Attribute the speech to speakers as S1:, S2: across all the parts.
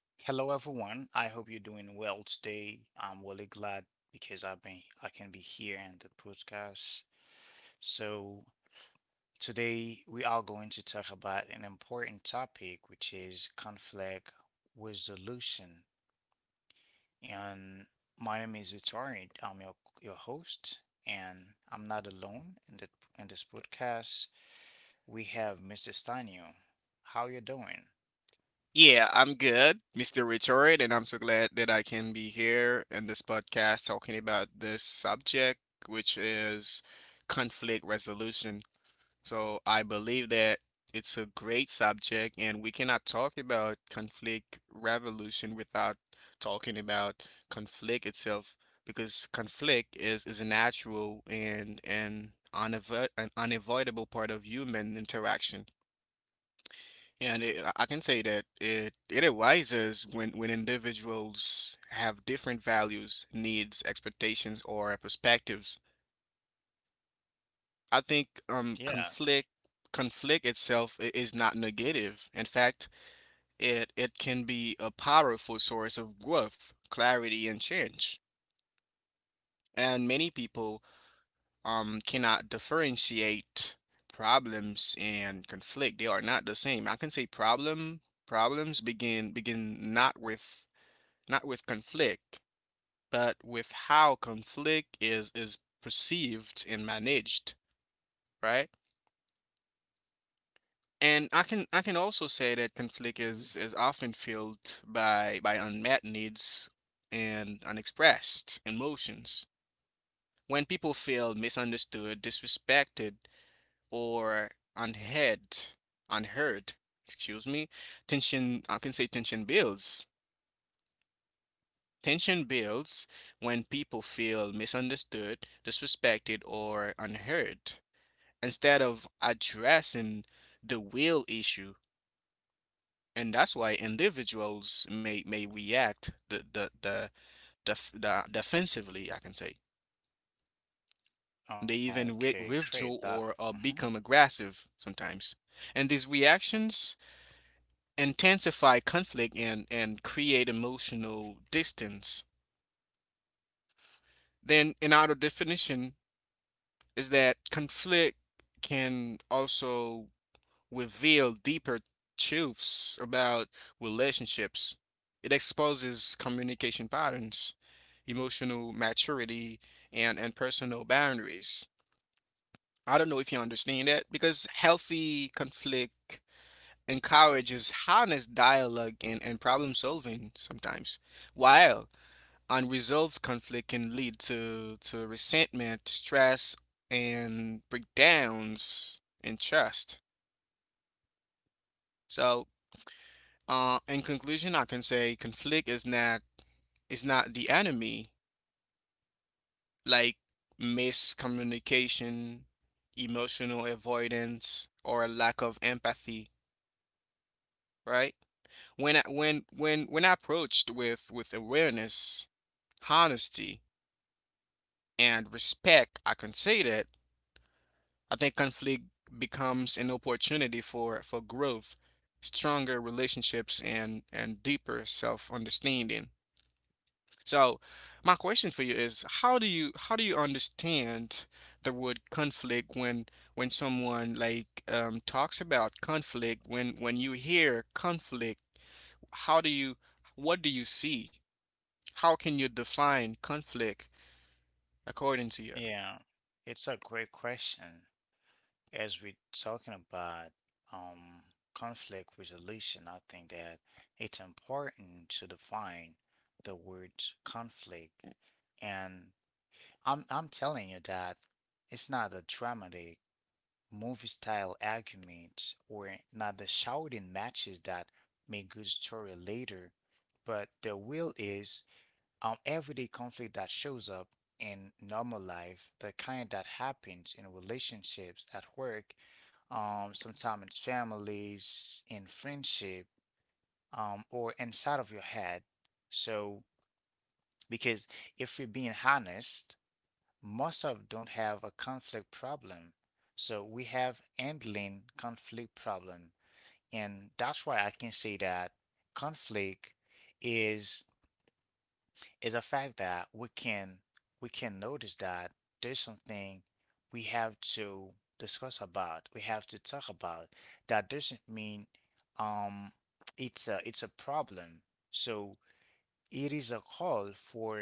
S1: Hello everyone. I hope you're doing well today. I'm really glad because I can be here in the podcast. So today we are going to talk about an important topic, which is conflict resolution. And my name is Victoria. I'm your host, and I'm not alone in the in this podcast. We have Mr. Stanio. How you doing?
S2: Yeah, I'm good, Mr. Richard, and I'm so glad that I can be here in this podcast talking about this subject, which is conflict resolution. So I believe that it's a great subject, and we cannot talk about conflict revolution without talking about conflict itself, because conflict is a natural and an unavoidable part of human interaction. And I can say that it arises when individuals have different values, needs, expectations, or perspectives. I think
S1: Yeah.
S2: conflict itself is not negative. In fact, it can be a powerful source of growth, clarity, and change. And many people cannot differentiate problems and conflict. They are not the same. I can say problems begin not with conflict, but with how conflict is perceived and managed, right? And I can also say that conflict is often filled by unmet needs and unexpressed emotions. When people feel misunderstood, disrespected, or unheard, unheard, excuse me, tension, I can say tension builds. Tension builds when people feel misunderstood, disrespected, or unheard instead of addressing the real issue. And that's why individuals may react the defensively, I can say. They even
S1: Okay, great. That
S2: withdraw
S1: mhm.
S2: or become aggressive sometimes. And these reactions intensify conflict and create emotional distance. Then another definition is that conflict can also reveal deeper truths about relationships. It exposes communication patterns, emotional maturity, and personal boundaries. I don't know if you understand that because healthy conflict encourages honest dialogue and problem solving sometimes, while unresolved conflict can lead to resentment, stress, and breakdowns in trust. So, in conclusion, I can say conflict is not the enemy. Like miscommunication, emotional avoidance, or a lack of empathy. Right? When I, when approached with awareness, honesty, and respect, I can say that I think conflict becomes an opportunity for growth, stronger relationships, and deeper self-understanding. So, my question for you is, how do you understand the word conflict when someone talks about conflict? When you hear conflict, how do you what do you see? How can you define conflict according to you?
S1: Yeah, it's a great question. As we're talking about um, conflict resolution, I think that it's important to define the word conflict. And I'm telling you that it's not a dramatic movie style argument or not the shouting matches that make good story later, but the will is everyday conflict that shows up in normal life, the kind that happens in relationships, at work, sometimes in families, in friendship, or inside of your head. So, because if we're being honest, most of don't have a conflict problem. So we have handling conflict problem, and that's why I can say that conflict is is a fact that we can notice that there's something we have to discuss about, we have to talk about. That doesn't mean um it's a problem. So it is a call for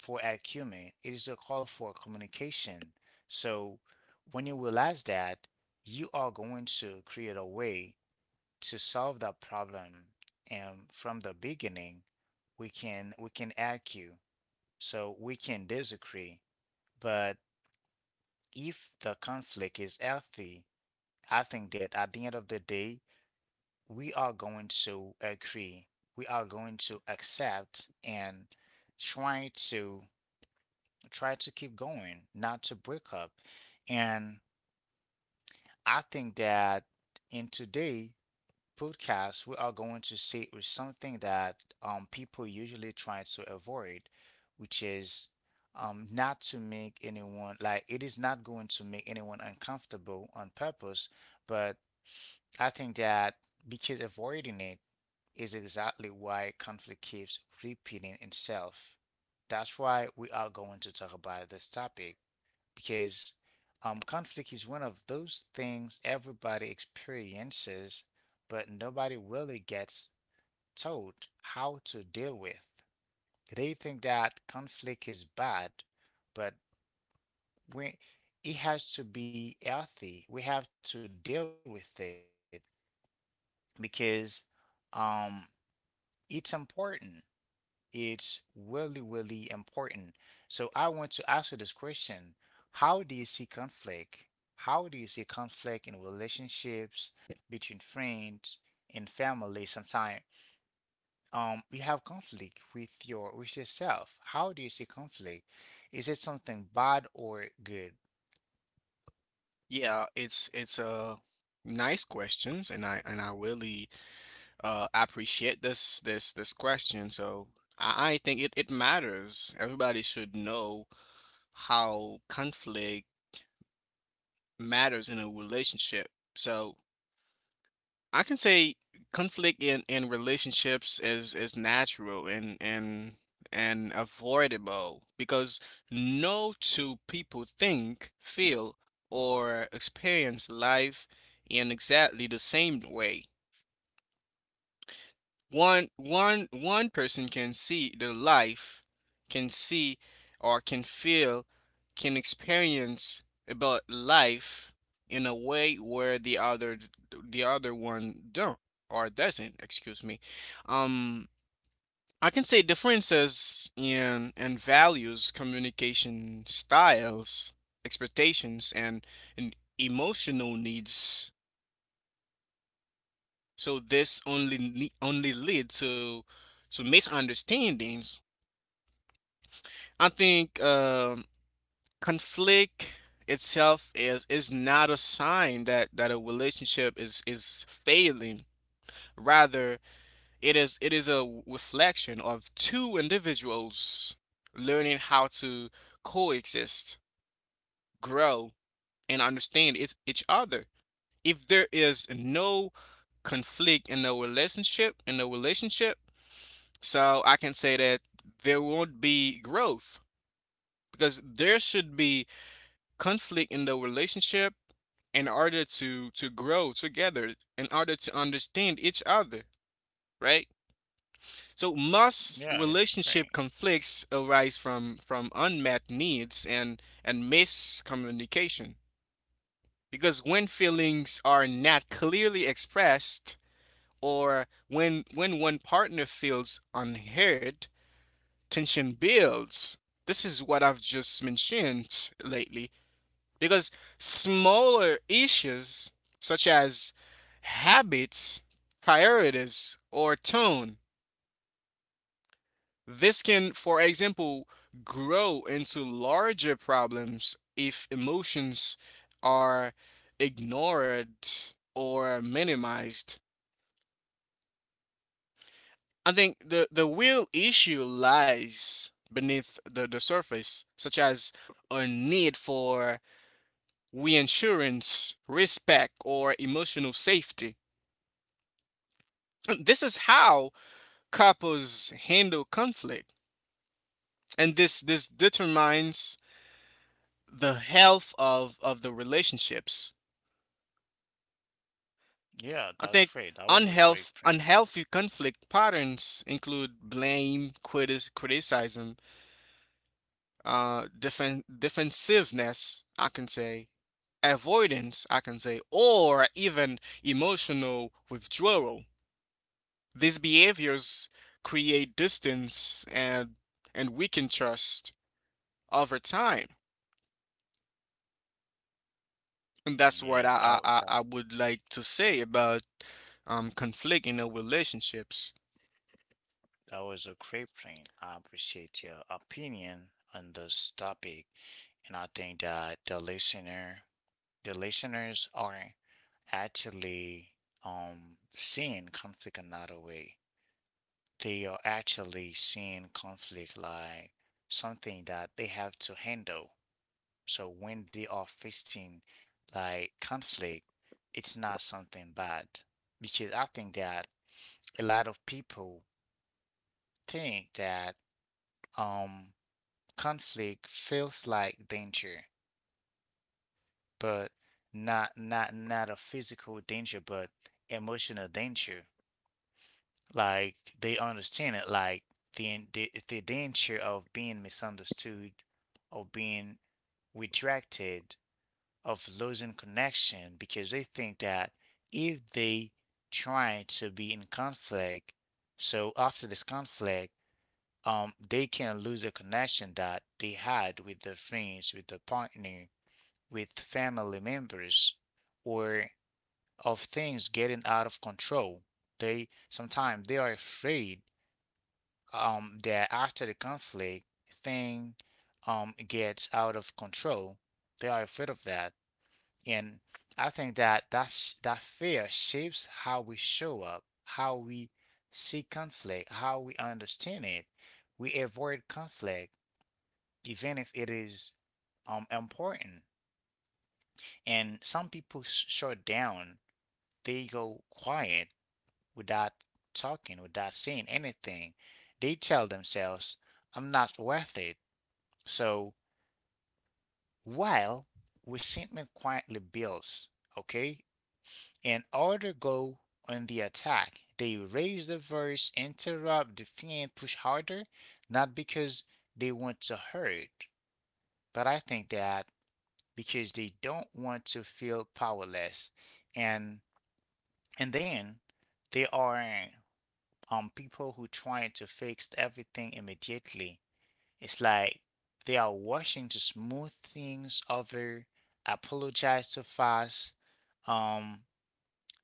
S1: acumen. It is a call for communication. So when you realize that, you are going to create a way to solve that problem. And from the beginning, we can argue, so we can disagree, but if the conflict is healthy, I think that at the end of the day, we are going to agree. We are going to accept and try to try to keep going, not to break up. And I think that in today podcast, we are going to see with something that people usually try to avoid, which is not to make anyone like it is not going to make anyone uncomfortable on purpose, but I think that because avoiding it is exactly why conflict keeps repeating itself. That's why we are going to talk about this topic because conflict is one of those things everybody experiences, but nobody really gets told how to deal with. They think that conflict is bad, but we, it has to be healthy. We have to deal with it because um, it's important. It's really, really important. So I want to ask you this question. How do you see conflict? How do you see conflict in relationships between friends and family sometimes? You have conflict with yourself. How do you see conflict? Is it something bad or good?
S2: Yeah, it's nice questions and I really appreciate this question. So I think it matters. Everybody should know how conflict matters in a relationship. So I can say conflict in relationships is natural and avoidable because no two people think, feel, or experience life in exactly the same way. One person can see the life can see or can feel can experience about life in a way where the other one don't or doesn't, excuse me. um I can say differences in and values, communication styles, expectations, and emotional needs, so this only lead to misunderstandings. I think conflict itself is not a sign that a relationship is failing. Rather, it is a reflection of two individuals learning how to coexist, grow, and understand it, each other. If there is no conflict in a relationship, in a relationship, so I can say that there won't be growth because there should be conflict in the relationship in order to grow together, in order to understand each other, right? So most
S1: Yeah, it's
S2: relationship
S1: great.
S2: conflicts arise from unmet needs and miscommunication because when feelings are not clearly expressed or when one partner feels unheard, tension builds. This is what I've just mentioned lately because smaller issues such as habits, priorities, or tone, this can, for example, grow into larger problems if emotions are ignored or minimized. I think the real issue lies beneath the surface, such as a need for reassurance, respect, or emotional safety. This is how couples handle conflict, and this determines the health of the relationships.
S1: Yeah,
S2: I think
S1: that's great. That was a great thing.
S2: unhealthy conflict patterns include blame, criticism, defensiveness, I can say, avoidance, I can say, or even emotional withdrawal. These behaviors create distance and weaken trust over time. And that's
S1: Mm,
S2: what
S1: yes,
S2: I
S1: that
S2: would like to say about conflict in our relationships.
S1: that was a great point. I appreciate your opinion on this topic, and I think that the listeners are actually seeing conflict another way. They are actually seeing conflict like something that they have to handle. So when they are facing like conflict, it's not something bad because I think that a lot of people think that um conflict feels like danger, but not a physical danger, but emotional danger. Like they understand it, like the danger of being misunderstood, of being rejected, of losing connection, because they think that if they try to be in conflict, so after this conflict, they can lose a connection that they had with their friends, with their partner, with family members, or of things getting out of control. They sometimes they are afraid that after the conflict thing gets out of control. They are afraid of that, and I think that that fear shapes how we show up, how we see conflict, how we understand it. We avoid conflict even if it is important. And some people shut down, they go quiet without talking, without saying anything. They tell themselves, I'm not worth it. So while resentment quietly builds, okay, in order to go on the attack. They raise the voice, interrupt, defend, push harder, not because they want to hurt, but I think that because they don't want to feel powerless. and and then they are people who trying to fix everything immediately. It's like they are washing to smooth things over, apologize too fast, um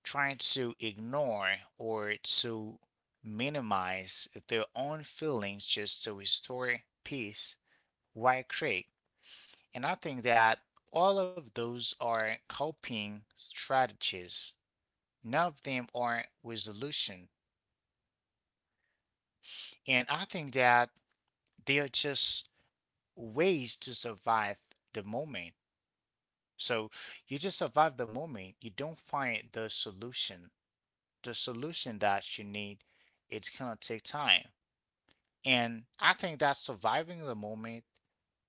S1: trying to ignore or to minimize their own feelings just to restore peace. Why create? And I think that all of those are coping strategies. None of them are resolution. And I think that they are just ways to survive the moment. So you just survive the moment. You don't find the solution. The solution that you need, it's gonna take time. And I think that surviving the moment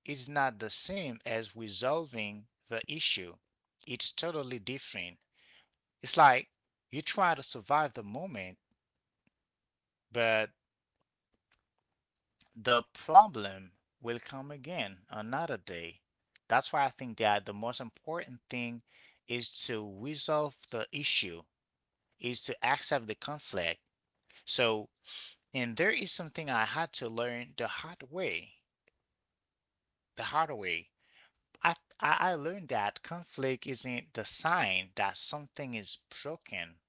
S1: is not the same as resolving the issue. It's totally different. It's like you try to survive the moment, but the problem will come again another day. That's why I think that the most important thing is to resolve the issue, is to accept the conflict. So, and there is something I had to learn the hard way. The hard way. I, I learned that conflict isn't the sign that something is broken.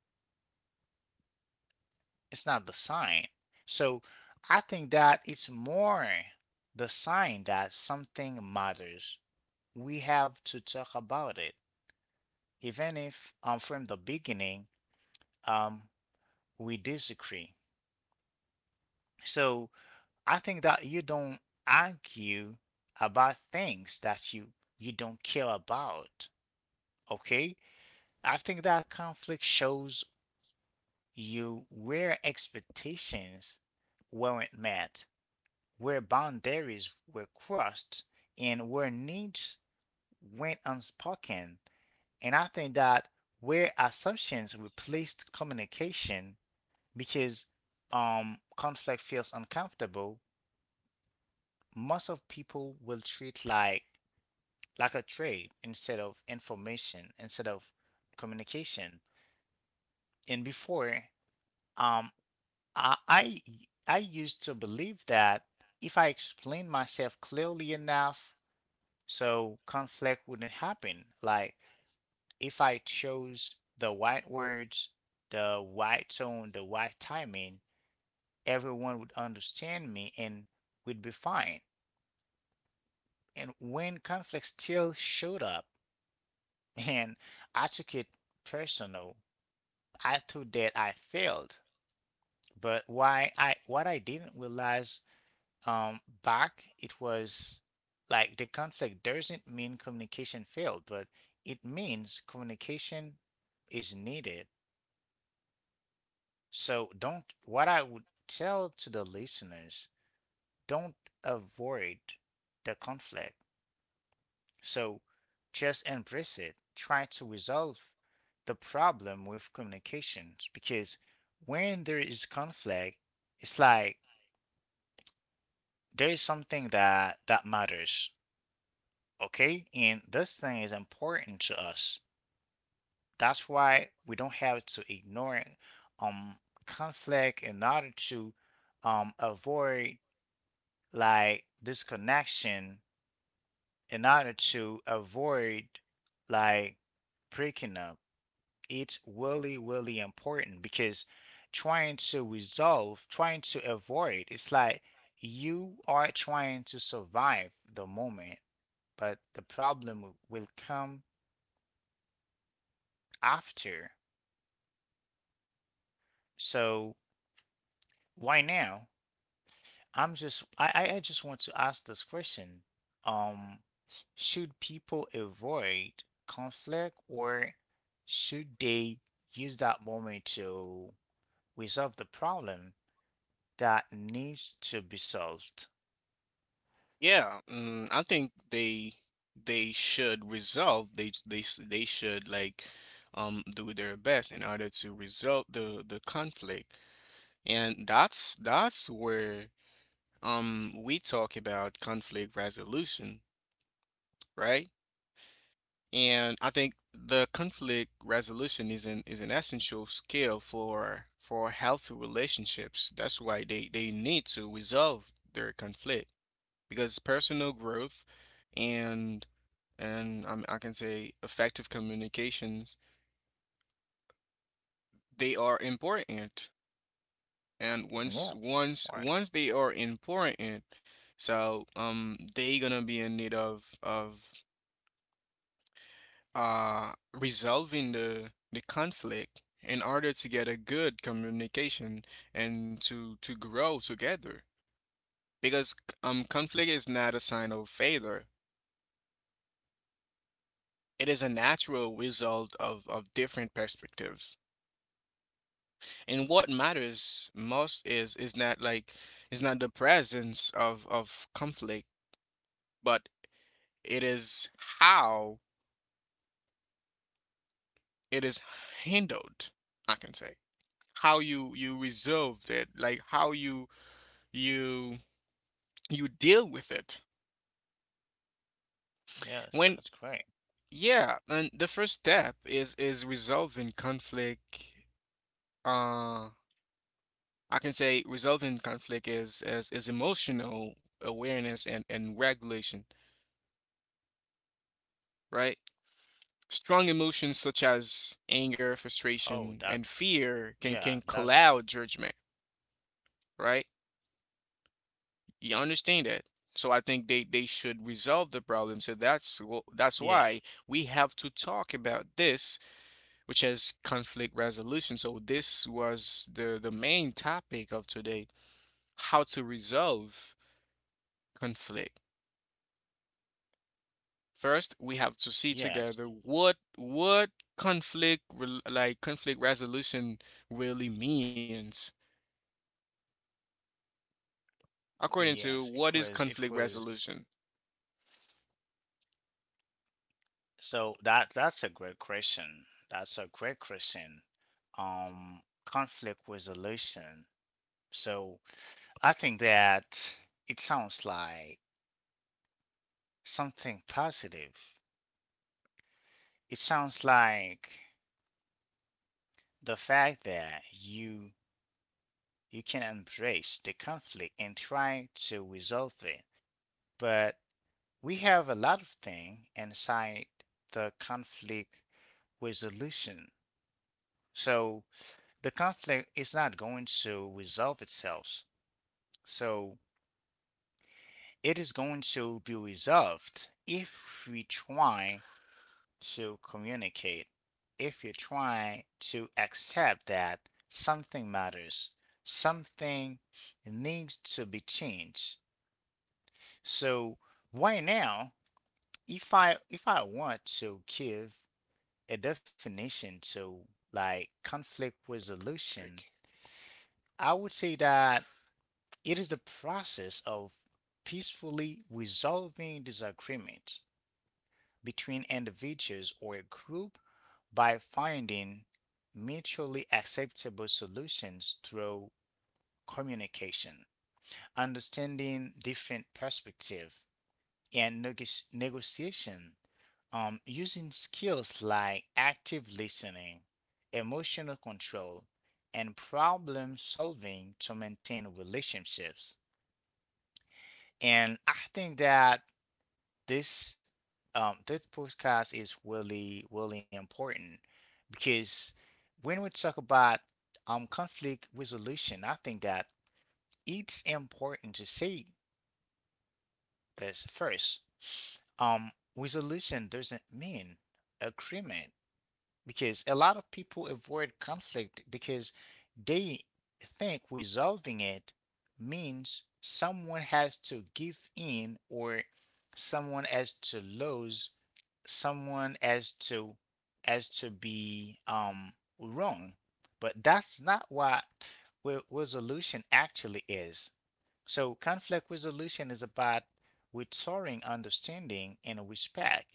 S1: It's not the sign. So, I think that it's more the sign that something matters. We have to talk about it, even if from the beginning um, we disagree. So I think that you don't argue about things that you don't care about. Okay? I think that conflict shows you where expectations weren't met, where boundaries were crossed, and where needs went unspoken. And I think that where assumptions replaced communication because conflict feels uncomfortable, most of people will treat like a trade instead of information, instead of communication. And before, um I I, I used to believe that if I explained myself clearly enough, so conflict wouldn't happen. Like if I chose the right words, the right tone, the right timing, everyone would understand me and would be fine. And when conflict still showed up and I took it personal, I thought that I failed. But why I what I didn't realize back it was like the conflict doesn't mean communication failed, but it means communication is needed. So don't what I would tell to the listeners, don't avoid the conflict. So just embrace it. Try to resolve the problem with communications because when there is conflict, it's like there is something that matters, okay? And this thing is important to us. That's why we don't have to ignore um conflict in order to avoid like this connection, in order to avoid like breaking up. It's really, really important because trying to resolve, trying to avoid, it's like you are trying to survive the moment, but the problem will come after. So why now? I'm just I just want to ask this question. Um, should people avoid conflict or should they use that moment to resolve the problem that needs to be solved?
S2: Yeah, mm, I think they should resolve. They should like do their best in order to resolve the conflict. And that's where we talk about conflict resolution, right? And I think the conflict resolution is an essential skill for healthy relationships. That's why they need to resolve their conflict because personal growth and I can say effective communications, they are important. And
S1: Yes. Right.
S2: once they are important, so they gonna be in need of resolving the conflict in order to get a good communication and to grow together. Because conflict is not a sign of failure. It is a natural result of different perspectives. And what matters most is not the presence of conflict, but it is how it is handled, I can say. How you resolved it, like how you you deal with it when
S1: Yes, that's great.
S2: yeah, and the first step is resolving conflict, uh I can say resolving conflict is emotional awareness and regulation, right? Strong emotions such
S1: Oh,
S2: as anger,
S1: that's
S2: frustration, and fear can cloud judgment, right? You understand that. So I think they should resolve the problem, so
S1: yeah,
S2: that's that's why we have to talk about this, which has conflict resolution. So this was the main topic of today, how to resolve conflict. First, we have to see
S1: yes.
S2: together what conflict, like conflict resolution, really means. According
S1: Yes,
S2: to
S1: it
S2: what is
S1: was it
S2: conflict
S1: was
S2: resolution?
S1: so that's a great question. That's a great question. Conflict resolution. So I think that it sounds like something positive. It sounds like the fact that you can embrace the conflict and try to resolve it. But we have a lot of things inside the conflict resolution. So the conflict is not going to resolve itself. So it is going to be resolved if we try to communicate, if you try to accept that something matters, something needs to be changed. So right now, if I want to give a definition to like conflict resolution,
S2: Like,
S1: I would say that it is the process of peacefully resolving disagreements between individuals or a group by finding mutually acceptable solutions through communication, understanding different perspectives, and negos negotiation, using skills like active listening, emotional control, and problem solving to maintain relationships. And I think that this this podcast is really, really important because when we talk about conflict resolution, I think that it's important to say this first. Resolution doesn't mean agreement because a lot of people avoid conflict because they think resolving it means someone has to give in, or someone has to lose, someone has to be wrong. But that's not what resolution actually is. So conflict resolution is about restoring understanding and respect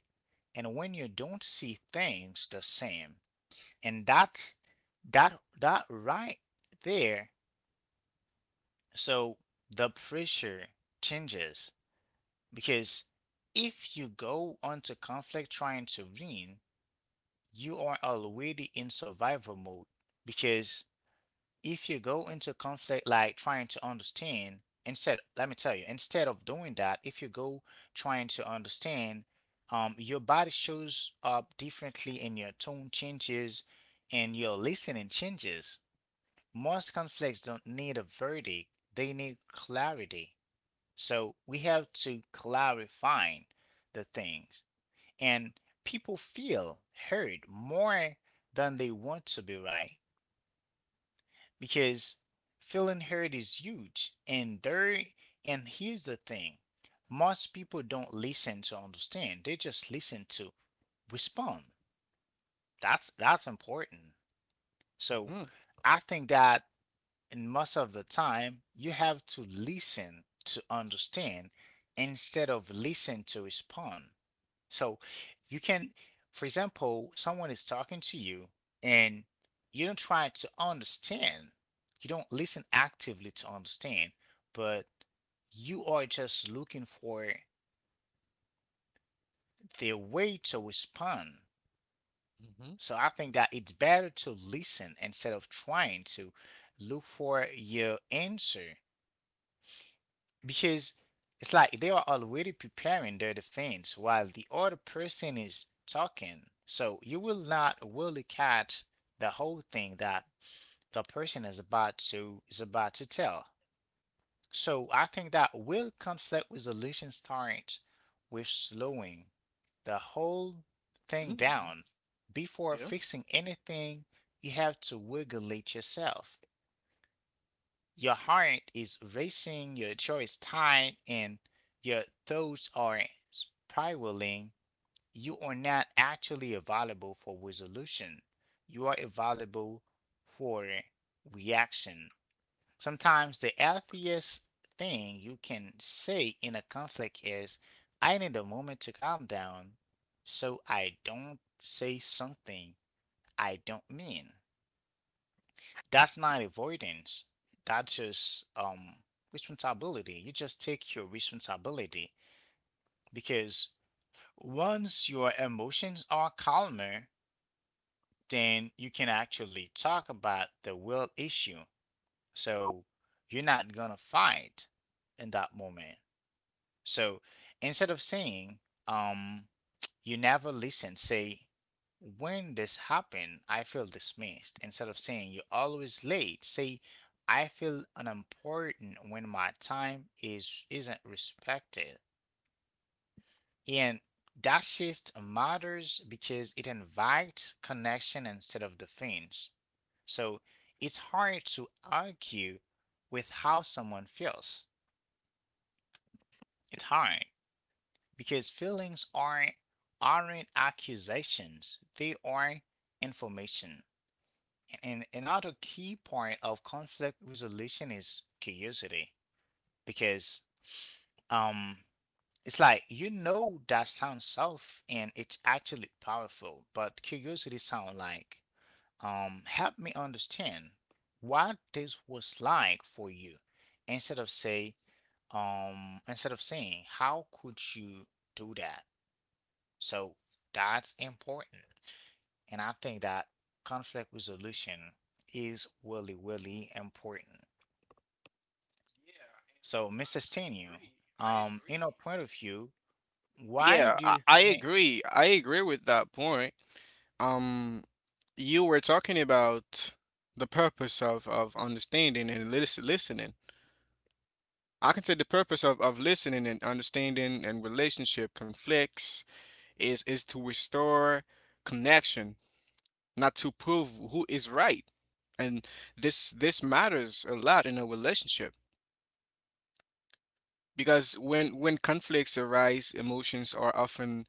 S1: and when you don't see things the same. And that's that that right there. So the pressure changes because if you go onto conflict trying to win, you are already in survival mode. Because if you go into conflict like trying to understand, instead, let me tell you, instead of doing that, if you go trying to understand, your body shows up differently, and your tone changes and your listening changes. Most conflicts don't need a verdict, they need clarity. So we have to clarify the things. And people feel heard more than they want to be right because feeling heard is huge. And here's the thing, most people don't listen to understand, they just listen to respond. That's important. So
S2: mm-hmm.
S1: I think that and most of the time, you have to listen to understand instead of listen to respond. So you can, for example, someone is talking to you and you don't try to understand, you don't listen actively to understand, but you are just looking for the way to respond. So I think that it's better to listen instead of trying to look for your answer, because it's like they are already preparing their defense while the other person is talking. So you will not really catch the whole thing that the person is about to tell. So I think that will conflict resolution starts with slowing the whole thing
S2: Mm-hmm.
S1: down. Before
S2: Yeah.
S1: fixing anything, you have to regulate yourself. Your heart is racing, your jaw is tight, and your thoughts are spiraling. You are not actually available for resolution. You are available for reaction. Sometimes the healthiest thing you can say in a conflict is, I need a moment to calm down so I don't say something I don't mean. That's not avoidance. That's just responsibility. You just take your responsibility, because once your emotions are calmer, then you can actually talk about the real issue. So you're not gonna fight in that moment. So instead of saying, um, you never listen, say, when this happened, I feel dismissed. Instead of saying you're always late, say I feel unimportant when my time is isn't respected. And that shift matters because it invites connection instead of defense. So it's hard to argue with how someone feels. It's hard, because feelings aren't accusations, they are information. And another key point of conflict resolution is curiosity, because um it's like, you know, that sounds soft and it's actually powerful, but curiosity sounds like, help me understand what this was like for you, instead of saying how could you do that. So that's important. And I think that conflict resolution is really, really important. So, Mr.
S2: I
S1: Stenu,
S2: agree. I
S1: in your
S2: agree.
S1: point of view, why
S2: Yeah,
S1: do you
S2: I
S1: think?
S2: agree. I agree with that point. Um, you were talking about the purpose of understanding and listening. I can say the purpose of listening and understanding and relationship conflicts is to restore connection, not to prove who is right. And this matters a lot in a relationship because when conflicts arise, emotions are often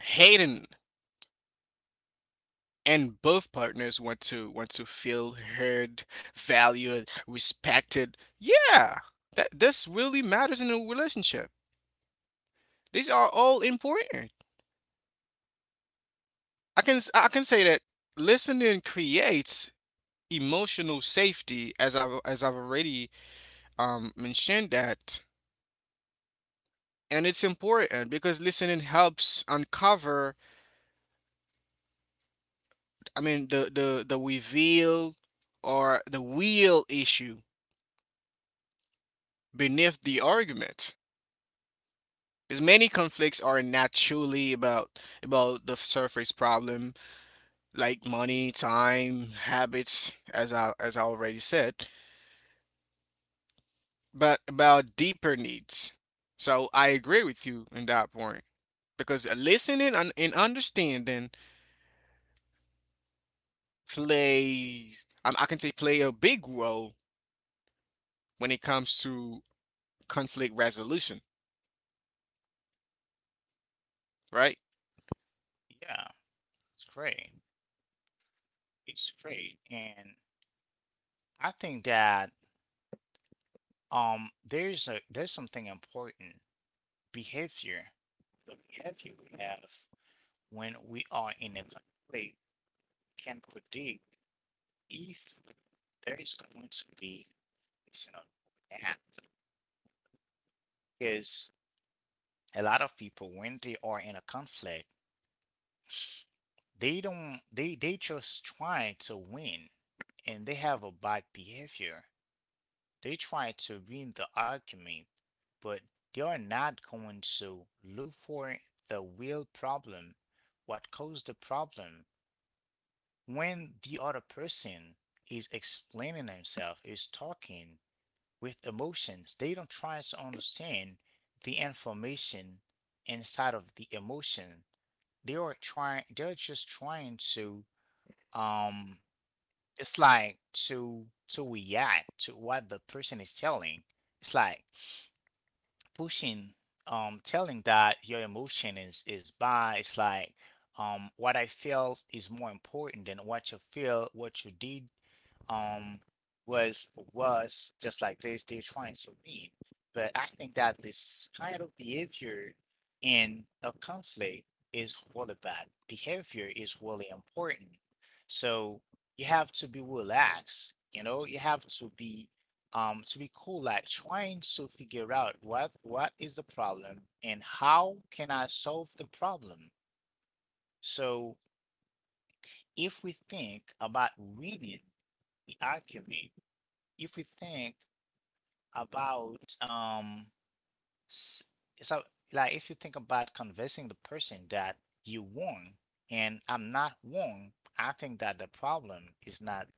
S2: hidden and both partners want to feel heard, valued, respected. Yeah, that this really matters in a relationship. These are all important. I can say that listening creates emotional safety, as I've already mentioned that, and it's important because listening helps uncover. I mean the reveal or the real issue beneath the argument. Because many conflicts are naturally about the surface problem, like money, time, habits, as I already said, but about deeper needs. So I agree with you in that point because listening and understanding plays I can say play a big role when it comes to conflict resolution, right?
S1: Yeah, it's great. It's great, and I think that there's a there's something important, behavior. The behavior we have when we are in a conflict can predict if there is going to be additional act. Because a lot of people, when they are in a conflict, they don't they just try to win, and they have a bad behavior. They try to win the argument, but they are not going to look for the real problem, what caused the problem. When the other person is explaining himself, is talking with emotions, they don't try to understand the information inside of the emotion. They're just trying to um it's like to react to what the person is telling. It's like pushing, telling that your emotion is bad. It's like, what I felt is more important than what you feel, what you did, um was was just like this, they're trying to mean. But I think that this kind of behavior in a conflict is really bad behavior, is really important. So you have to be relaxed, you know, you have to be cool, like trying to figure out what is the problem and how can I solve the problem. So if we think about reading the alchemy, if we think about, so like if you think about convincing the person that you won and I'm not won, I think that the problem is not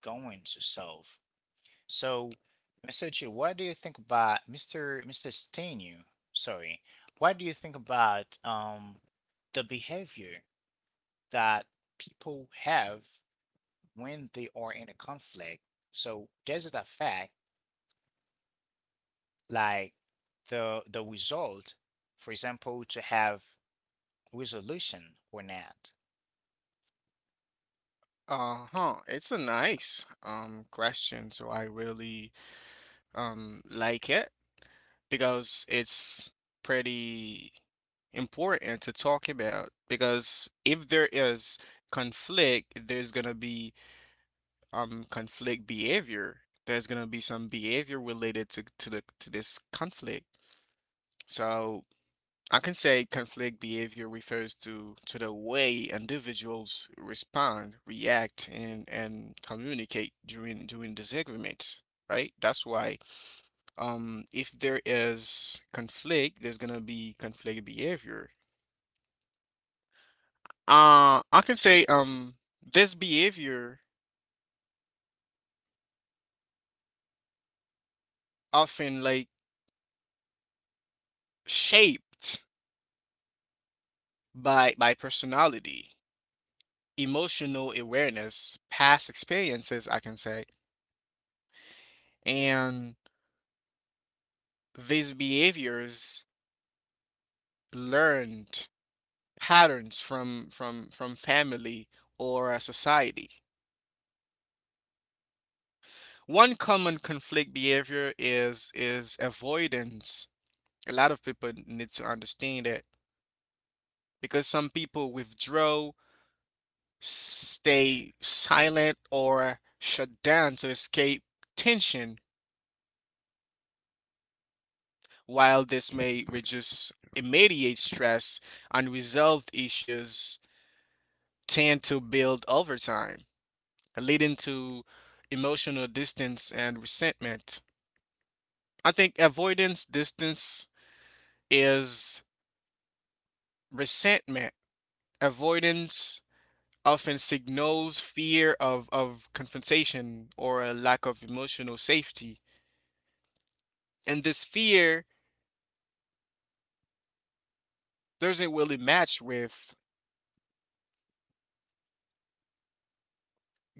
S1: going to solve. So, Mr. Chu, what do you think about Mr. Stenu? Sorry, what do you think about the behavior that people have when they are in a conflict? So, does it affect, like, the result, for example, to have resolution or not?
S2: Uh-huh. It's a nice question, so I really like it, because it's pretty important to talk about, because if there is conflict, there's gonna be conflict behavior. There's gonna be some behavior related to this conflict. So I can say conflict behavior refers to the way individuals respond, react, and communicate during disagreements, right? That's why if there is conflict, there's gonna be conflict behavior. I can say this behavior often like shaped by personality, emotional awareness, past experiences, I can say, and these behaviors learned patterns from family or society. One common conflict behavior is avoidance. A lot of people need to understand that because some people withdraw, stay silent, or shut down to escape tension. While this may reduce immediate stress, unresolved issues tend to build over time, leading to emotional distance and resentment. I think avoidance, distance is resentment. Avoidance often signals fear of confrontation or a lack of emotional safety. And this fear doesn't really match with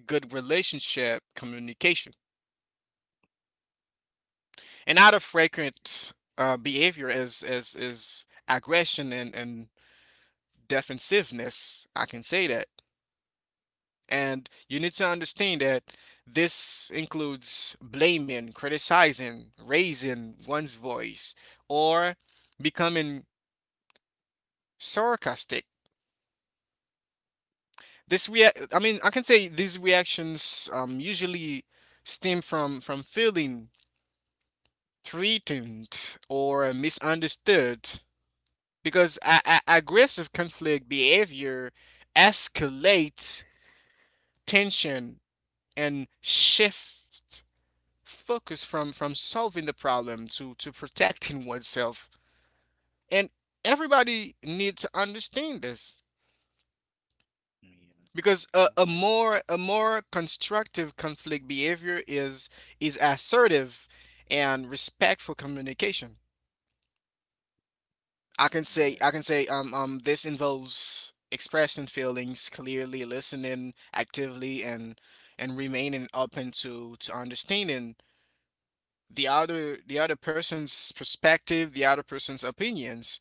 S2: good relationship communication. And out of frequent behavior is aggression and defensiveness, I can say that. And you need to understand that this includes blaming, criticizing, raising one's voice, or becoming sarcastic. This rea- I mean, I can say these reactions usually stem from feeling threatened or misunderstood, because aggressive conflict behavior escalates tension and shifts focus from solving the problem to protecting oneself, and everybody needs to understand this
S1: Mm,
S2: because
S1: yeah,
S2: a
S1: yes,
S2: more constructive conflict behavior is assertive and respectful communication. i can say i can
S1: yes.
S2: say um, um this involves expressing feelings clearly, listening actively, and remaining open to understanding the other person's perspective, the other person's opinions.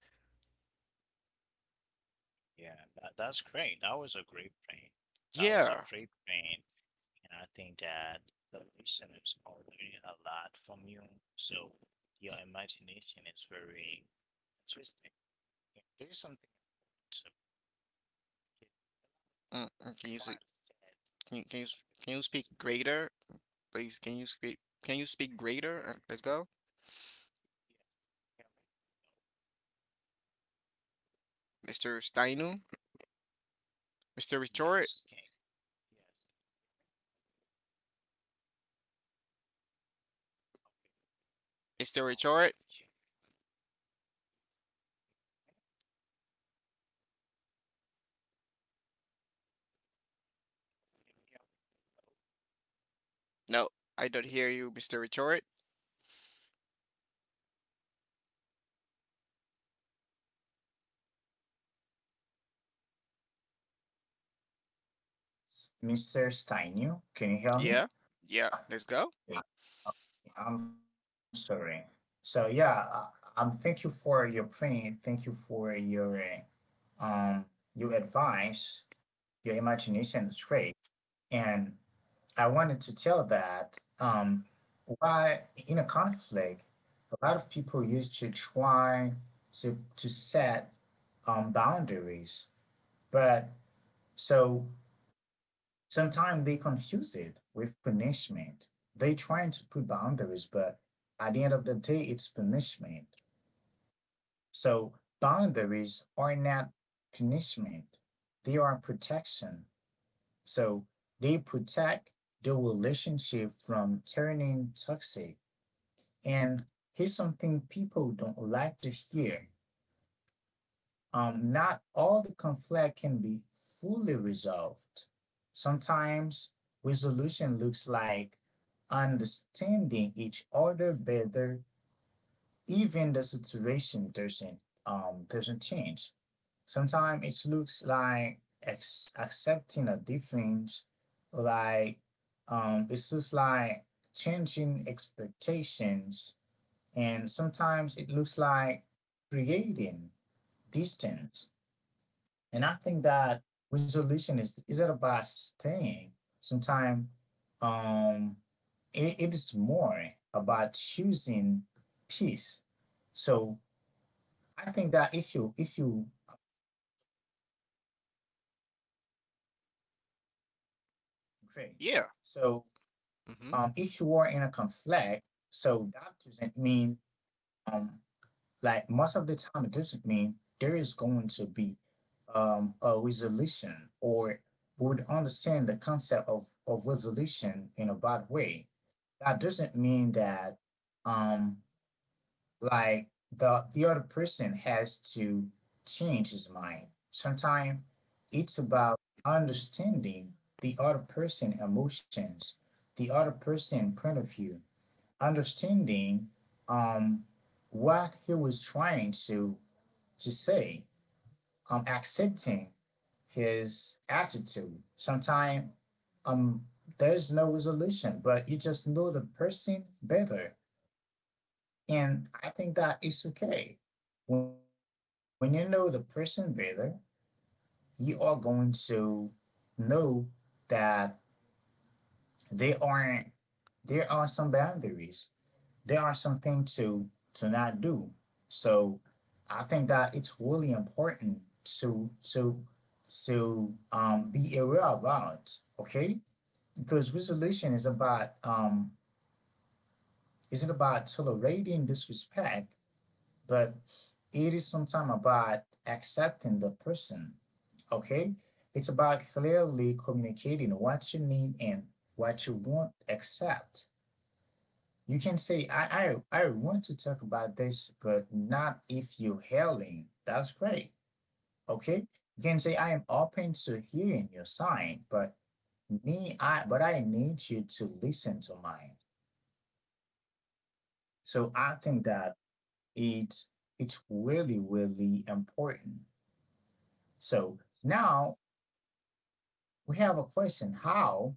S1: Yeah, that, that's great. That was a great thing. That was a
S2: Yeah.
S1: great thing. And I think that the listeners are learning a lot from you. So your imagination is very interesting. And there is something else that we can
S2: Can you
S1: try
S2: see,
S1: to set
S2: can you
S1: on the
S2: can you speak
S1: fence.
S2: greater? Please, can you speak greater? Let's go. Mr. Steinu? Mr. Retort?
S1: Yes, can yes.
S2: Mr. Retort?
S1: Can you
S2: No, I don't hear you, Mr. Retort.
S1: hear me? Mr. Steinu, can you hear me?
S2: Yeah. Yeah, let's go.
S1: Yeah, I'm sorry. So yeah, thank you for your print. Thank you for uh, um your advice. Your imagination is great, and I wanted to tell that, why in a conflict, a lot of people used to try to set boundaries, but so sometimes they confuse it with punishment. They trying to put boundaries, but at the end of the day, it's punishment. So boundaries are not punishment; they are protection. So they protect the relationship from turning toxic. And here's something people don't like to hear. Not all the conflict can be fully resolved. Sometimes resolution looks like understanding each other better, even the situation doesn't change. Sometimes it looks like accepting a difference, like, it looks like changing expectations, and sometimes it looks like creating distance. And I think that resolution is not about staying. Sometimes, um, it, it is more about choosing peace. So I think that if you upgrade, so, if you are in a
S2: Yeah.
S1: conflict. So
S2: Mm-hmm.
S1: that doesn't mean, um, like most of the time it doesn't mean there is going to be a resolution, or we would understand the concept of resolution in a bad way. That doesn't mean that, um, like, the other person has to change his mind. Sometimes it's about understanding the other person emotions, the other person point of view, understanding um what he was trying to say, accepting his attitude. Sometimes um there's no resolution, but you just know the person better. And I think that is okay. When you know the person better, you are going to know that they aren't there are some boundaries. There are some things to not do. So I think that it's really important to be aware about, okay? Because resolution is about isn't about tolerating disrespect, but it is sometimes about accepting the person, okay? It's about clearly communicating what you need and what you won't accept. You can say, I want to talk about this, but not if you're yelling. That's great, okay? You can say, I am open to hearing your side, but but I need you to listen to mine. So I think that it it's really, really important. So now we have a question, how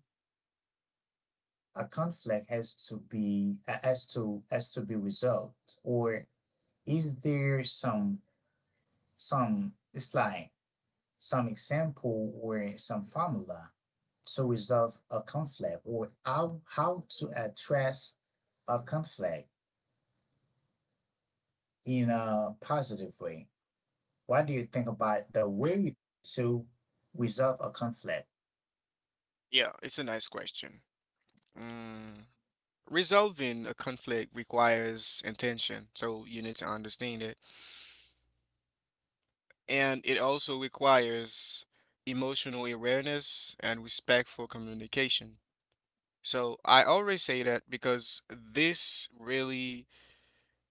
S1: a conflict has to be has to be resolved, or is there some it's like some example or some formula to resolve a conflict, or how to address a conflict in a positive way. What do you think about the way to resolve a conflict?
S2: Yeah, it's a nice question. Mm. Resolving a conflict requires intention, so you need to understand it. And it also requires emotional awareness and respectful communication. So I always say that because this really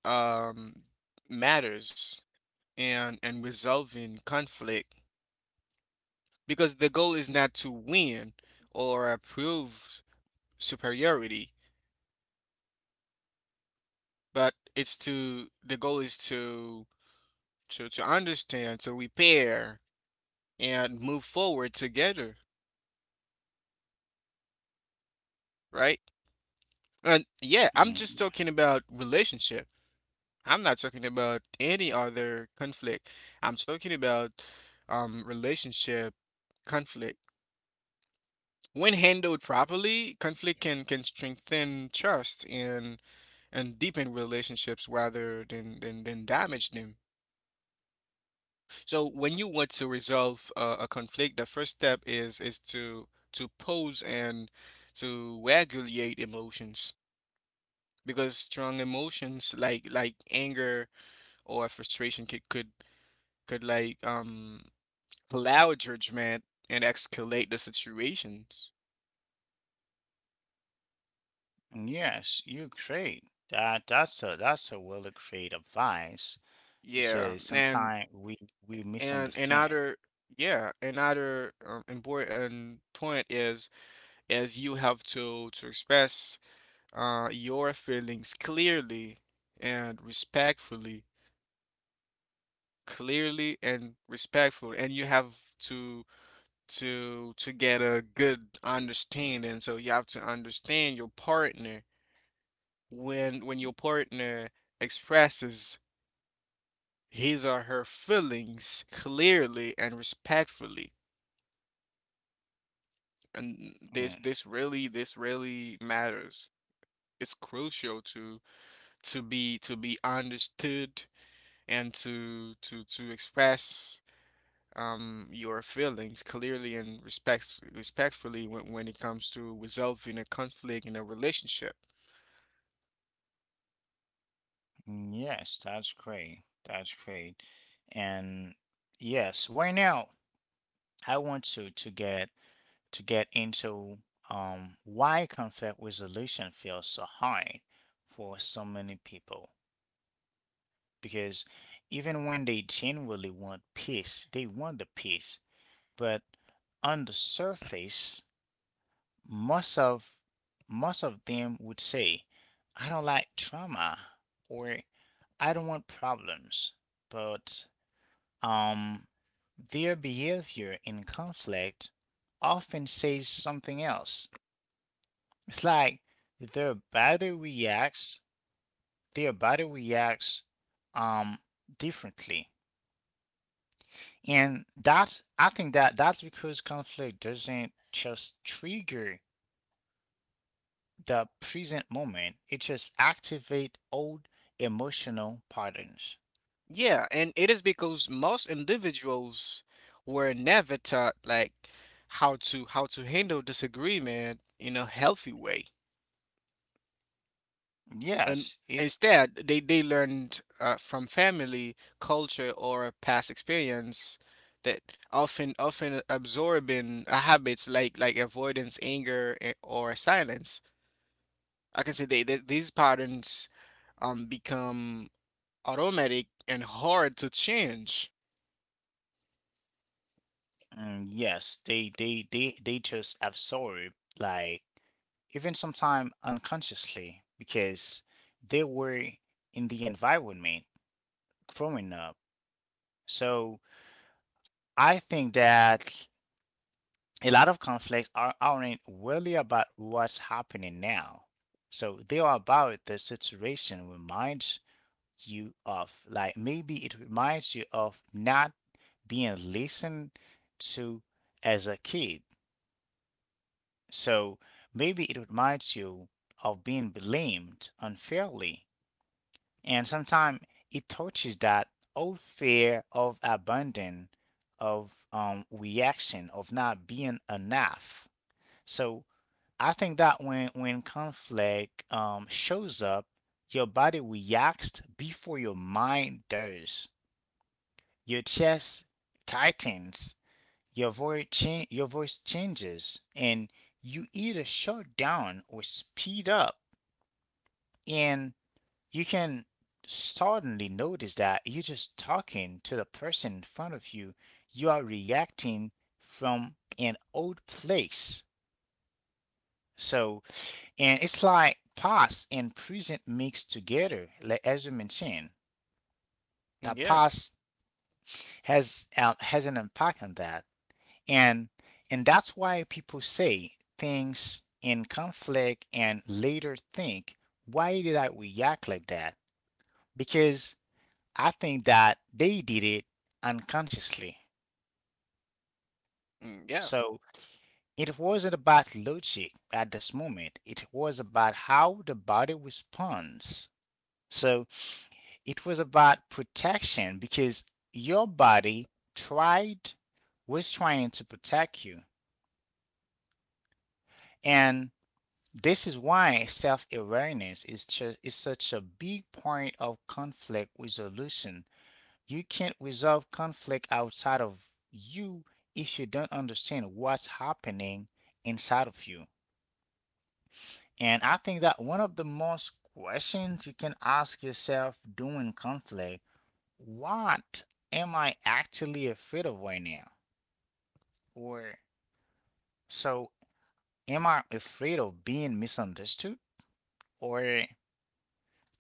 S2: um, matters and resolving conflict because the goal is not to win or prove superiority, but it's to the goal is to to understand, to repair and move forward together, right? And yeah, I'm
S1: Mm,
S2: just talking about relationship. I'm not talking about any other conflict. I'm talking about relationship conflict. When handled properly, conflict can strengthen trust and deepen relationships rather than damage them. So when you want to resolve a conflict, the first step is to pause and to regulate emotions because strong emotions like anger or frustration could allow judgment and escalate the situations.
S1: yes, you great. That that's a really great advice.
S2: Yeah,
S1: Because
S2: and
S1: sometimes we
S2: and
S1: misunderstand it.
S2: another yeah another important point is you have to express your feelings and respectfully, clearly and respectfully, and you have to to get a good understanding. So you have to understand your partner when your partner expresses his or her feelings clearly and respectfully. And this
S1: Mm,
S2: this really this really matters. It's crucial to be understood and to express your feelings clearly and respectfully when it comes to resolving a conflict in a relationship.
S1: mm, yes, that's great. That's great. And yes, right now I want to to get into why conflict resolution feels so hard for so many people. Because even when they genuinely want peace, they want the peace, but on the surface, most of most of them would say, I don't like trauma, or I don't want problems. But um their behavior in conflict often says something else. It's like their body reacts their body reacts um differently. And that I think that that's because conflict doesn't just trigger the present moment. It just activate old emotional patterns.
S2: Yeah, and it is because most individuals were never taught like how to handle disagreement in a healthy way. And
S1: Yes, it's
S2: instead, they learned from family, culture, or past experience that often absorbing habits like avoidance, anger, or silence. I can say they these patterns become automatic and hard to change.
S1: mm, yes, they just absorb, like, even sometimes unconsciously, because they were in the environment growing up. So I think that a lot of conflicts aren't really about what's happening now. So they are about the situation we mind you of. Like, maybe it reminds you of not being listened to as a kid. So maybe it reminds you of being blamed unfairly. And sometimes it touches that old fear of abandon, of, reaction, of not being enough. So I think that when conflict, shows up, your body reacts before your mind does. Your chest tightens, your your voice changes, and you either shut down or speed up. And you can suddenly notice that you're just talking to the person in front of you. You are reacting from an old place. So, and it's like past and present mixed together, like as you mentioned. The
S2: Yeah.
S1: past has an impact on that. and and that's why people say things in conflict and later think, why did I react like that? Because I think that they did it unconsciously.
S2: Yeah.
S1: So it wasn't about logic at this moment, it was about how the body responds. So it was about protection because your body tried was trying to protect you. And this is why self awareness is such a big point of conflict resolution. You can't resolve conflict outside of you if you don't understand what's happening inside of you. And I think that one of the most questions you can ask yourself during conflict, what am I actually afraid of right now? Or, so, am I afraid of being misunderstood? Or,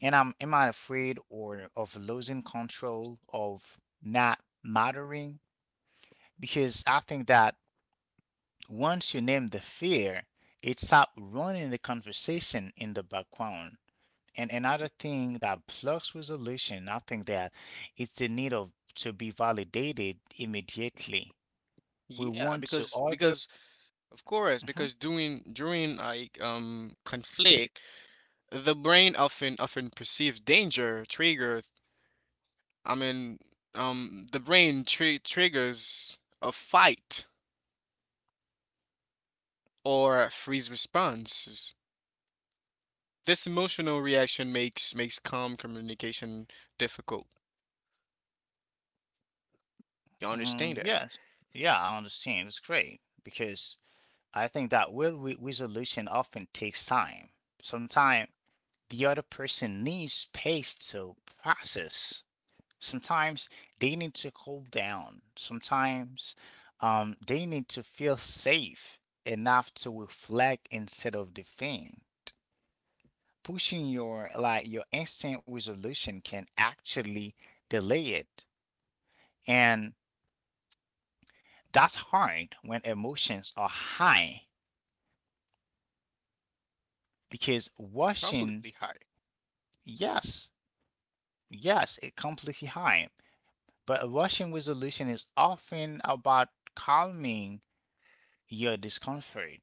S1: and I'm am I afraid or of losing control, of not mattering? Because I think that once you name the fear, it stops running the conversation in the background. And another thing that blocks resolution, I think that it's the need of to be validated immediately. We
S2: Yeah,
S1: want to
S2: because
S1: order.
S2: because of course,
S1: Mhm,
S2: because during conflict, the brain often perceives danger, trigger. I mean, the brain triggers a fight or freeze responses. This emotional reaction makes calm communication difficult. You understand
S1: mhm,
S2: that?
S1: yes, yeah, I understand. It's great because I think that resolution often takes time. Sometimes the other person needs space to process. Sometimes they need to cool down. Sometimes they need to feel safe enough to reflect instead of defend. Pushing your instant resolution can actually delay it, and that's hard when emotions are high because rushing.
S2: Completely high.
S1: Yes, yes, it completely high. But a Russian resolution is often about calming your discomfort,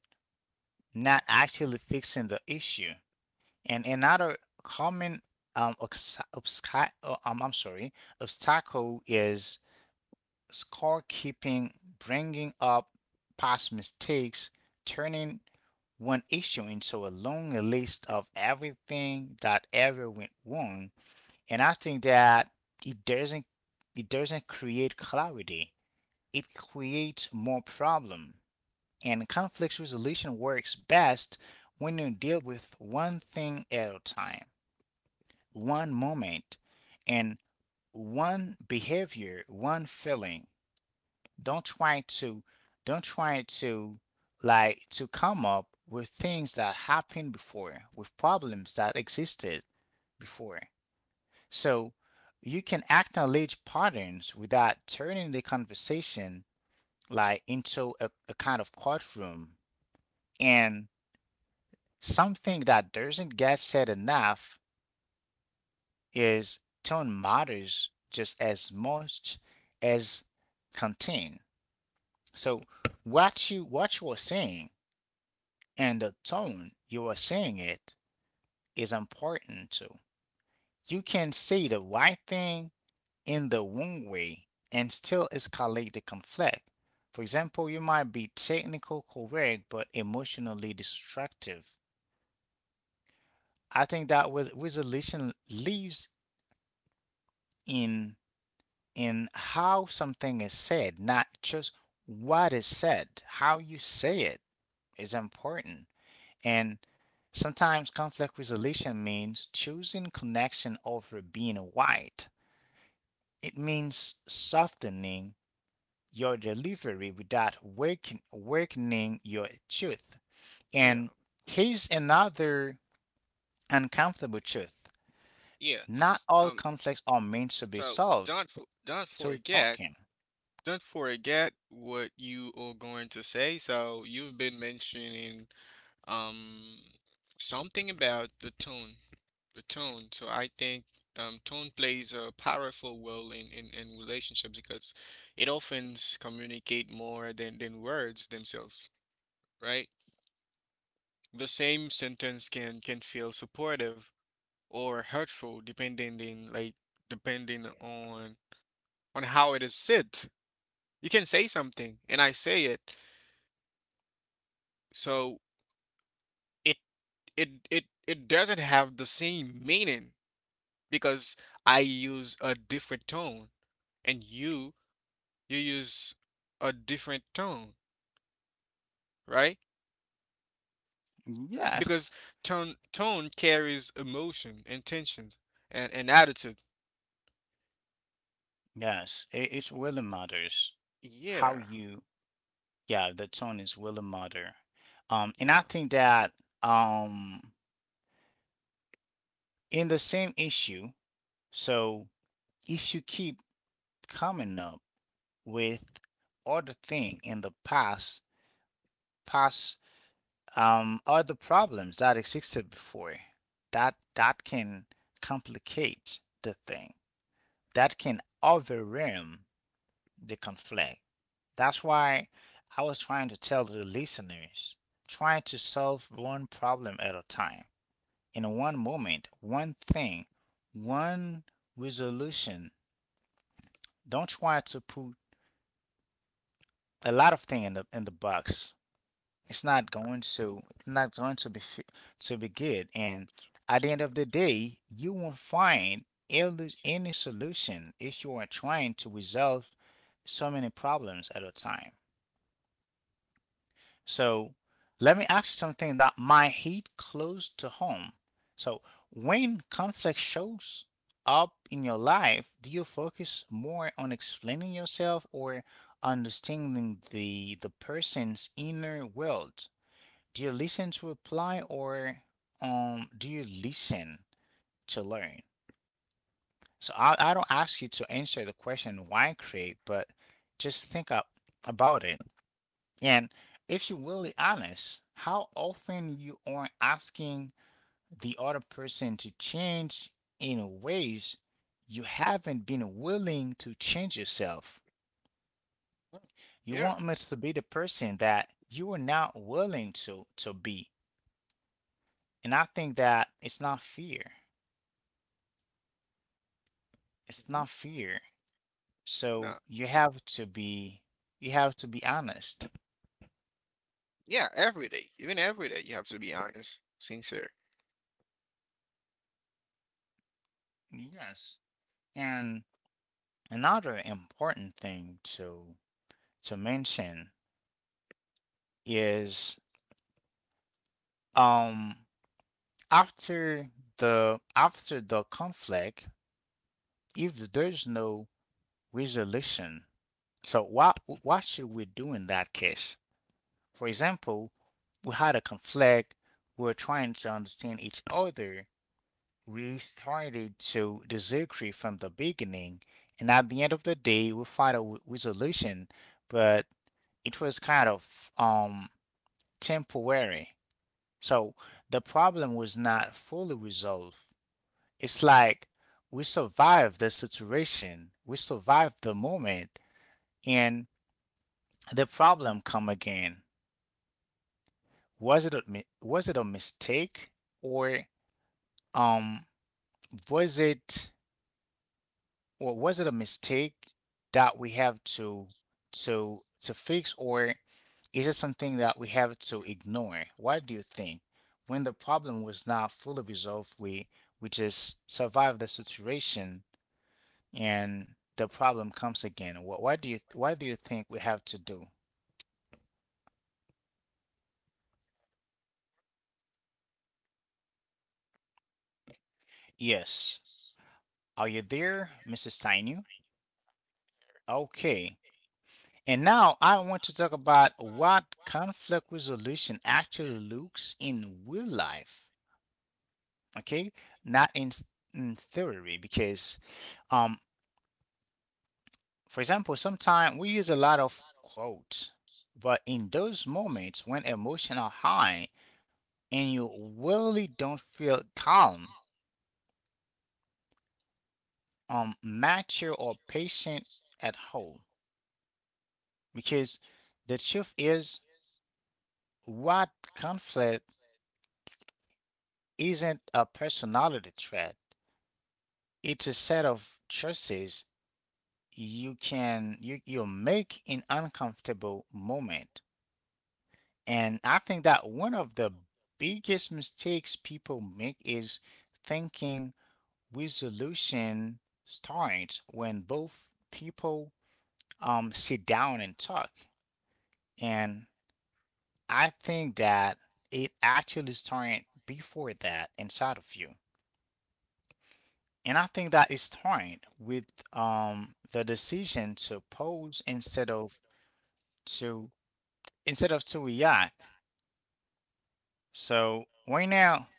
S1: not actually fixing the issue. And another common, I'm sorry, obstacle is scorekeeping, bringing up past mistakes, turning one issue into a long list of everything that ever went wrong. And I think that it doesn't it doesn't create clarity, it creates more problem. And conflict resolution works best when you deal with one thing at a time, one moment, and one behavior, one feeling. Don't try to don't try to like to come up with things that happened before, with problems that existed before. So you can acknowledge patterns without turning the conversation like into a kind of courtroom. And something that doesn't get said enough is tone matters just as much as content. So what you are saying and the tone you are saying it is important too. You can say the right thing in the wrong way and still escalate the conflict. For example, you might be technically correct but emotionally destructive. I think that with resolution lives in in how something is said, not just what is said. How you say it is important. And sometimes conflict resolution means choosing connection over being white. It means softening your delivery without weakening your truth.
S2: Yeah.
S1: And here's another uncomfortable truth.
S2: Yeah.
S1: Not all
S2: Um.
S1: conflicts are meant to be
S2: So
S1: solved.
S2: don't f- don't
S1: So
S2: forget
S1: talking.
S2: don't forget what you are going to say. So you've been mentioning um something about the tone, the tone. So I think tone plays a powerful role in relationships because it often communicate more than words themselves, right? The same sentence can feel supportive or hurtful depending in like depending on how it is said. You can say something and I say it. So it it doesn't have the same meaning because I use a different tone and you use a different tone, right? Because
S1: Yes.
S2: tone carries emotion, intentions, and attitude.
S1: Yes. It really matters how
S2: Yeah,
S1: you, yeah, the tone is really matter. And I
S2: yeah.
S1: think that um in the same issue, so if you keep coming up with other thing in the past, past other problems that existed before, that can complicate the thing. That can overwhelm the conflict. That's why I was trying to tell the listeners, trying to solve one problem at a time. In one moment, one thing, one resolution. Don't try to put a lot of things in the box. It's not going to to be good. And at the end
S2: Understand.
S1: of the day, you won't find any solution if you are trying to resolve so many problems at a time. So let me ask you something that might hit close to home. So when conflict shows up in your life, do you focus more on explaining yourself or understanding the person's inner world? Do you listen to reply or do you listen to learn? So I don't ask you to answer the question why create, but just think up about it. And if you're really honest, how often you are asking the other person to change in ways you haven't been willing to change yourself.
S2: Huh.
S1: You
S2: Yeah.
S1: want me to be the person that you are not willing to be. And I think that it's not fear. It's
S2: Mhm.
S1: not fear.
S2: Nah.
S1: So you have to be honest.
S2: Yeah, every day. Even every day, you have to be honest, sincere.
S1: Yes. And another important thing to mention is um after after the conflict, if there's no resolution, so what should we do in that case? For example, we had a conflict, we were trying to understand each other, we started to disagree from the beginning, and at the end of the day, we found a resolution, but it was kind of temporary. So the problem was not fully resolved. It's like we survived the situation, we survived the moment, and the problem come again. Was it a mistake or um was it or was it a mistake that we have to fix, or is it something that we have to ignore? What do you think? When the problem was not fully resolved, we just survive the situation and the problem comes again. What Why do you think we have to do? Yes. Are you there, Mrs. Tainu? Okay. And now I want to talk about what conflict resolution actually looks in real life. Okay, not in theory, because um for example sometimes we use a lot of quotes, but in those moments when emotions are high and you really don't feel calm, mature or patient at all, because the truth is, what conflict isn't a personality trait, it's a set of choices you make in uncomfortable moment. And I think that one of the biggest mistakes people make is thinking resolution starts when both people sit down and talk. And I think that it actually started before that inside of you. And I think that it started with the decision to pause to instead of to react. So right now,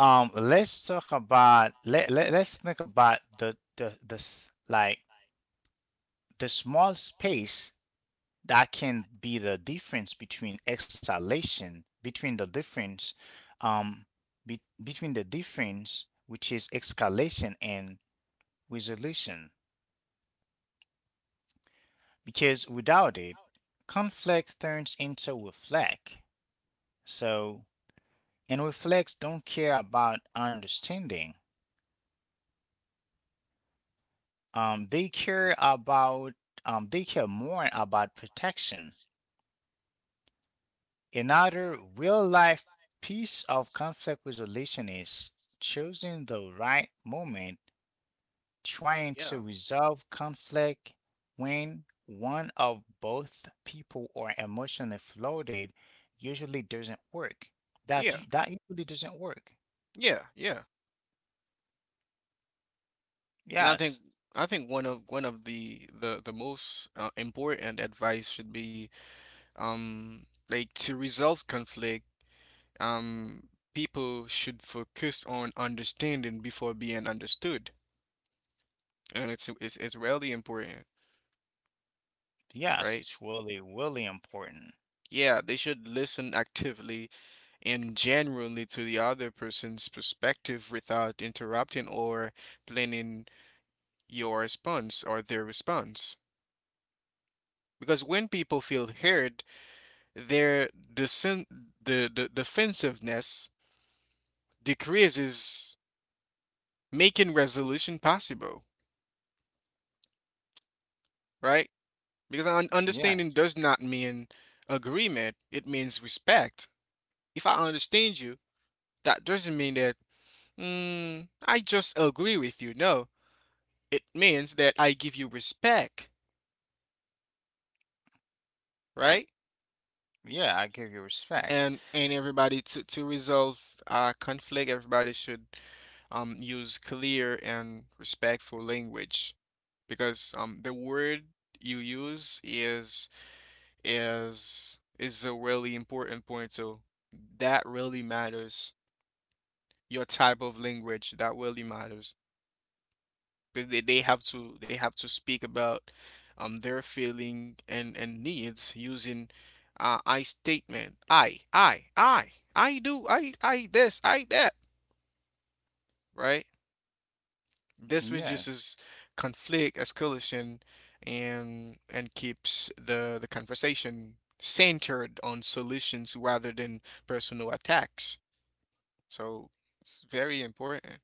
S1: Let's talk about let, let let's think about like the small space that can be the difference between exhalation, um between the difference which is escalation and resolution, because without it conflict turns into reflect. So and reflects don't care about understanding. Um, they care about they care more about protection. Another real life piece of conflict resolution is choosing the right moment, trying
S2: Yeah.
S1: to resolve conflict when one of both people are emotionally flooded usually doesn't work. That
S2: Yeah.
S1: that usually doesn't work.
S2: Yeah, yeah. And
S1: Yes.
S2: I think one of the most important advice should be like to resolve conflict um people should focus on understanding before being understood. And it's really important,
S1: Yes,
S2: right?
S1: it's really, really important.
S2: Yeah, they should listen actively and genuinely to the other person's perspective without interrupting or planning your response or their response. Because when people feel heard, their desen- the defensiveness decreases, making resolution possible, right? Because
S1: Yeah,
S2: understanding does not mean agreement, it means respect. If I understand you, that doesn't mean that I just agree with you. No, it means that I give you respect, right?
S1: yeah, I give you respect.
S2: And everybody to resolve conflict, everybody should use clear and respectful language because the word you use is a really important point. So that really matters. Your type of language, that really matters. But they, they have to speak about their feeling and needs using I statement. I do, I this, I that, right? This
S1: Yeah.
S2: reduces conflict, escalation, and keeps the conversation centered on solutions rather than personal attacks. So it's very important.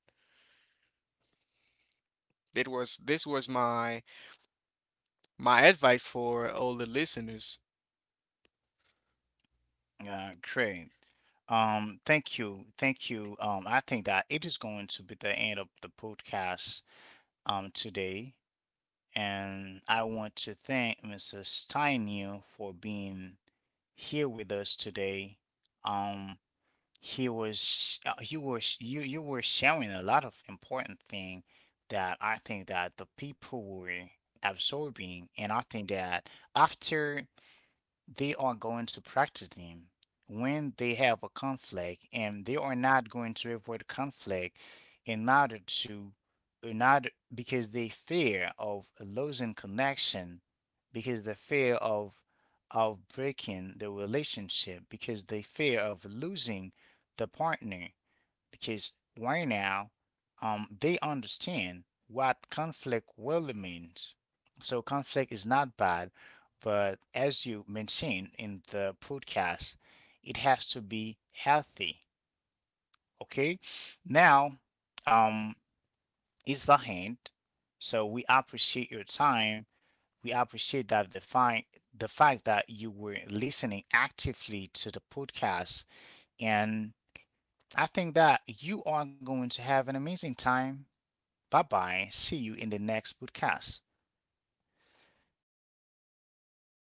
S2: It was this was my my advice for all the listeners.
S1: Yeah, great. Thank you. Thank you. I think that it is going to be the end of the podcast today. And I want to thank Mrs. Steinu for being here with us today. Um, you were sharing a lot of important thing that I think that the people were absorbing, and I think that after they are going to practice them when they have a conflict and they are not going to avoid conflict in order to not, because they fear of losing connection, because the fear of breaking the relationship, because they fear of losing the partner, because right now they understand what conflict really means. So conflict is not bad, but as you mentioned in the podcast, it has to be healthy. Okay. Now, um, is the hand. So we appreciate your time. We appreciate that the fine the fact that you were listening actively to the podcast, and I think that you are going to have an amazing time. Bye bye. See you in the next podcast.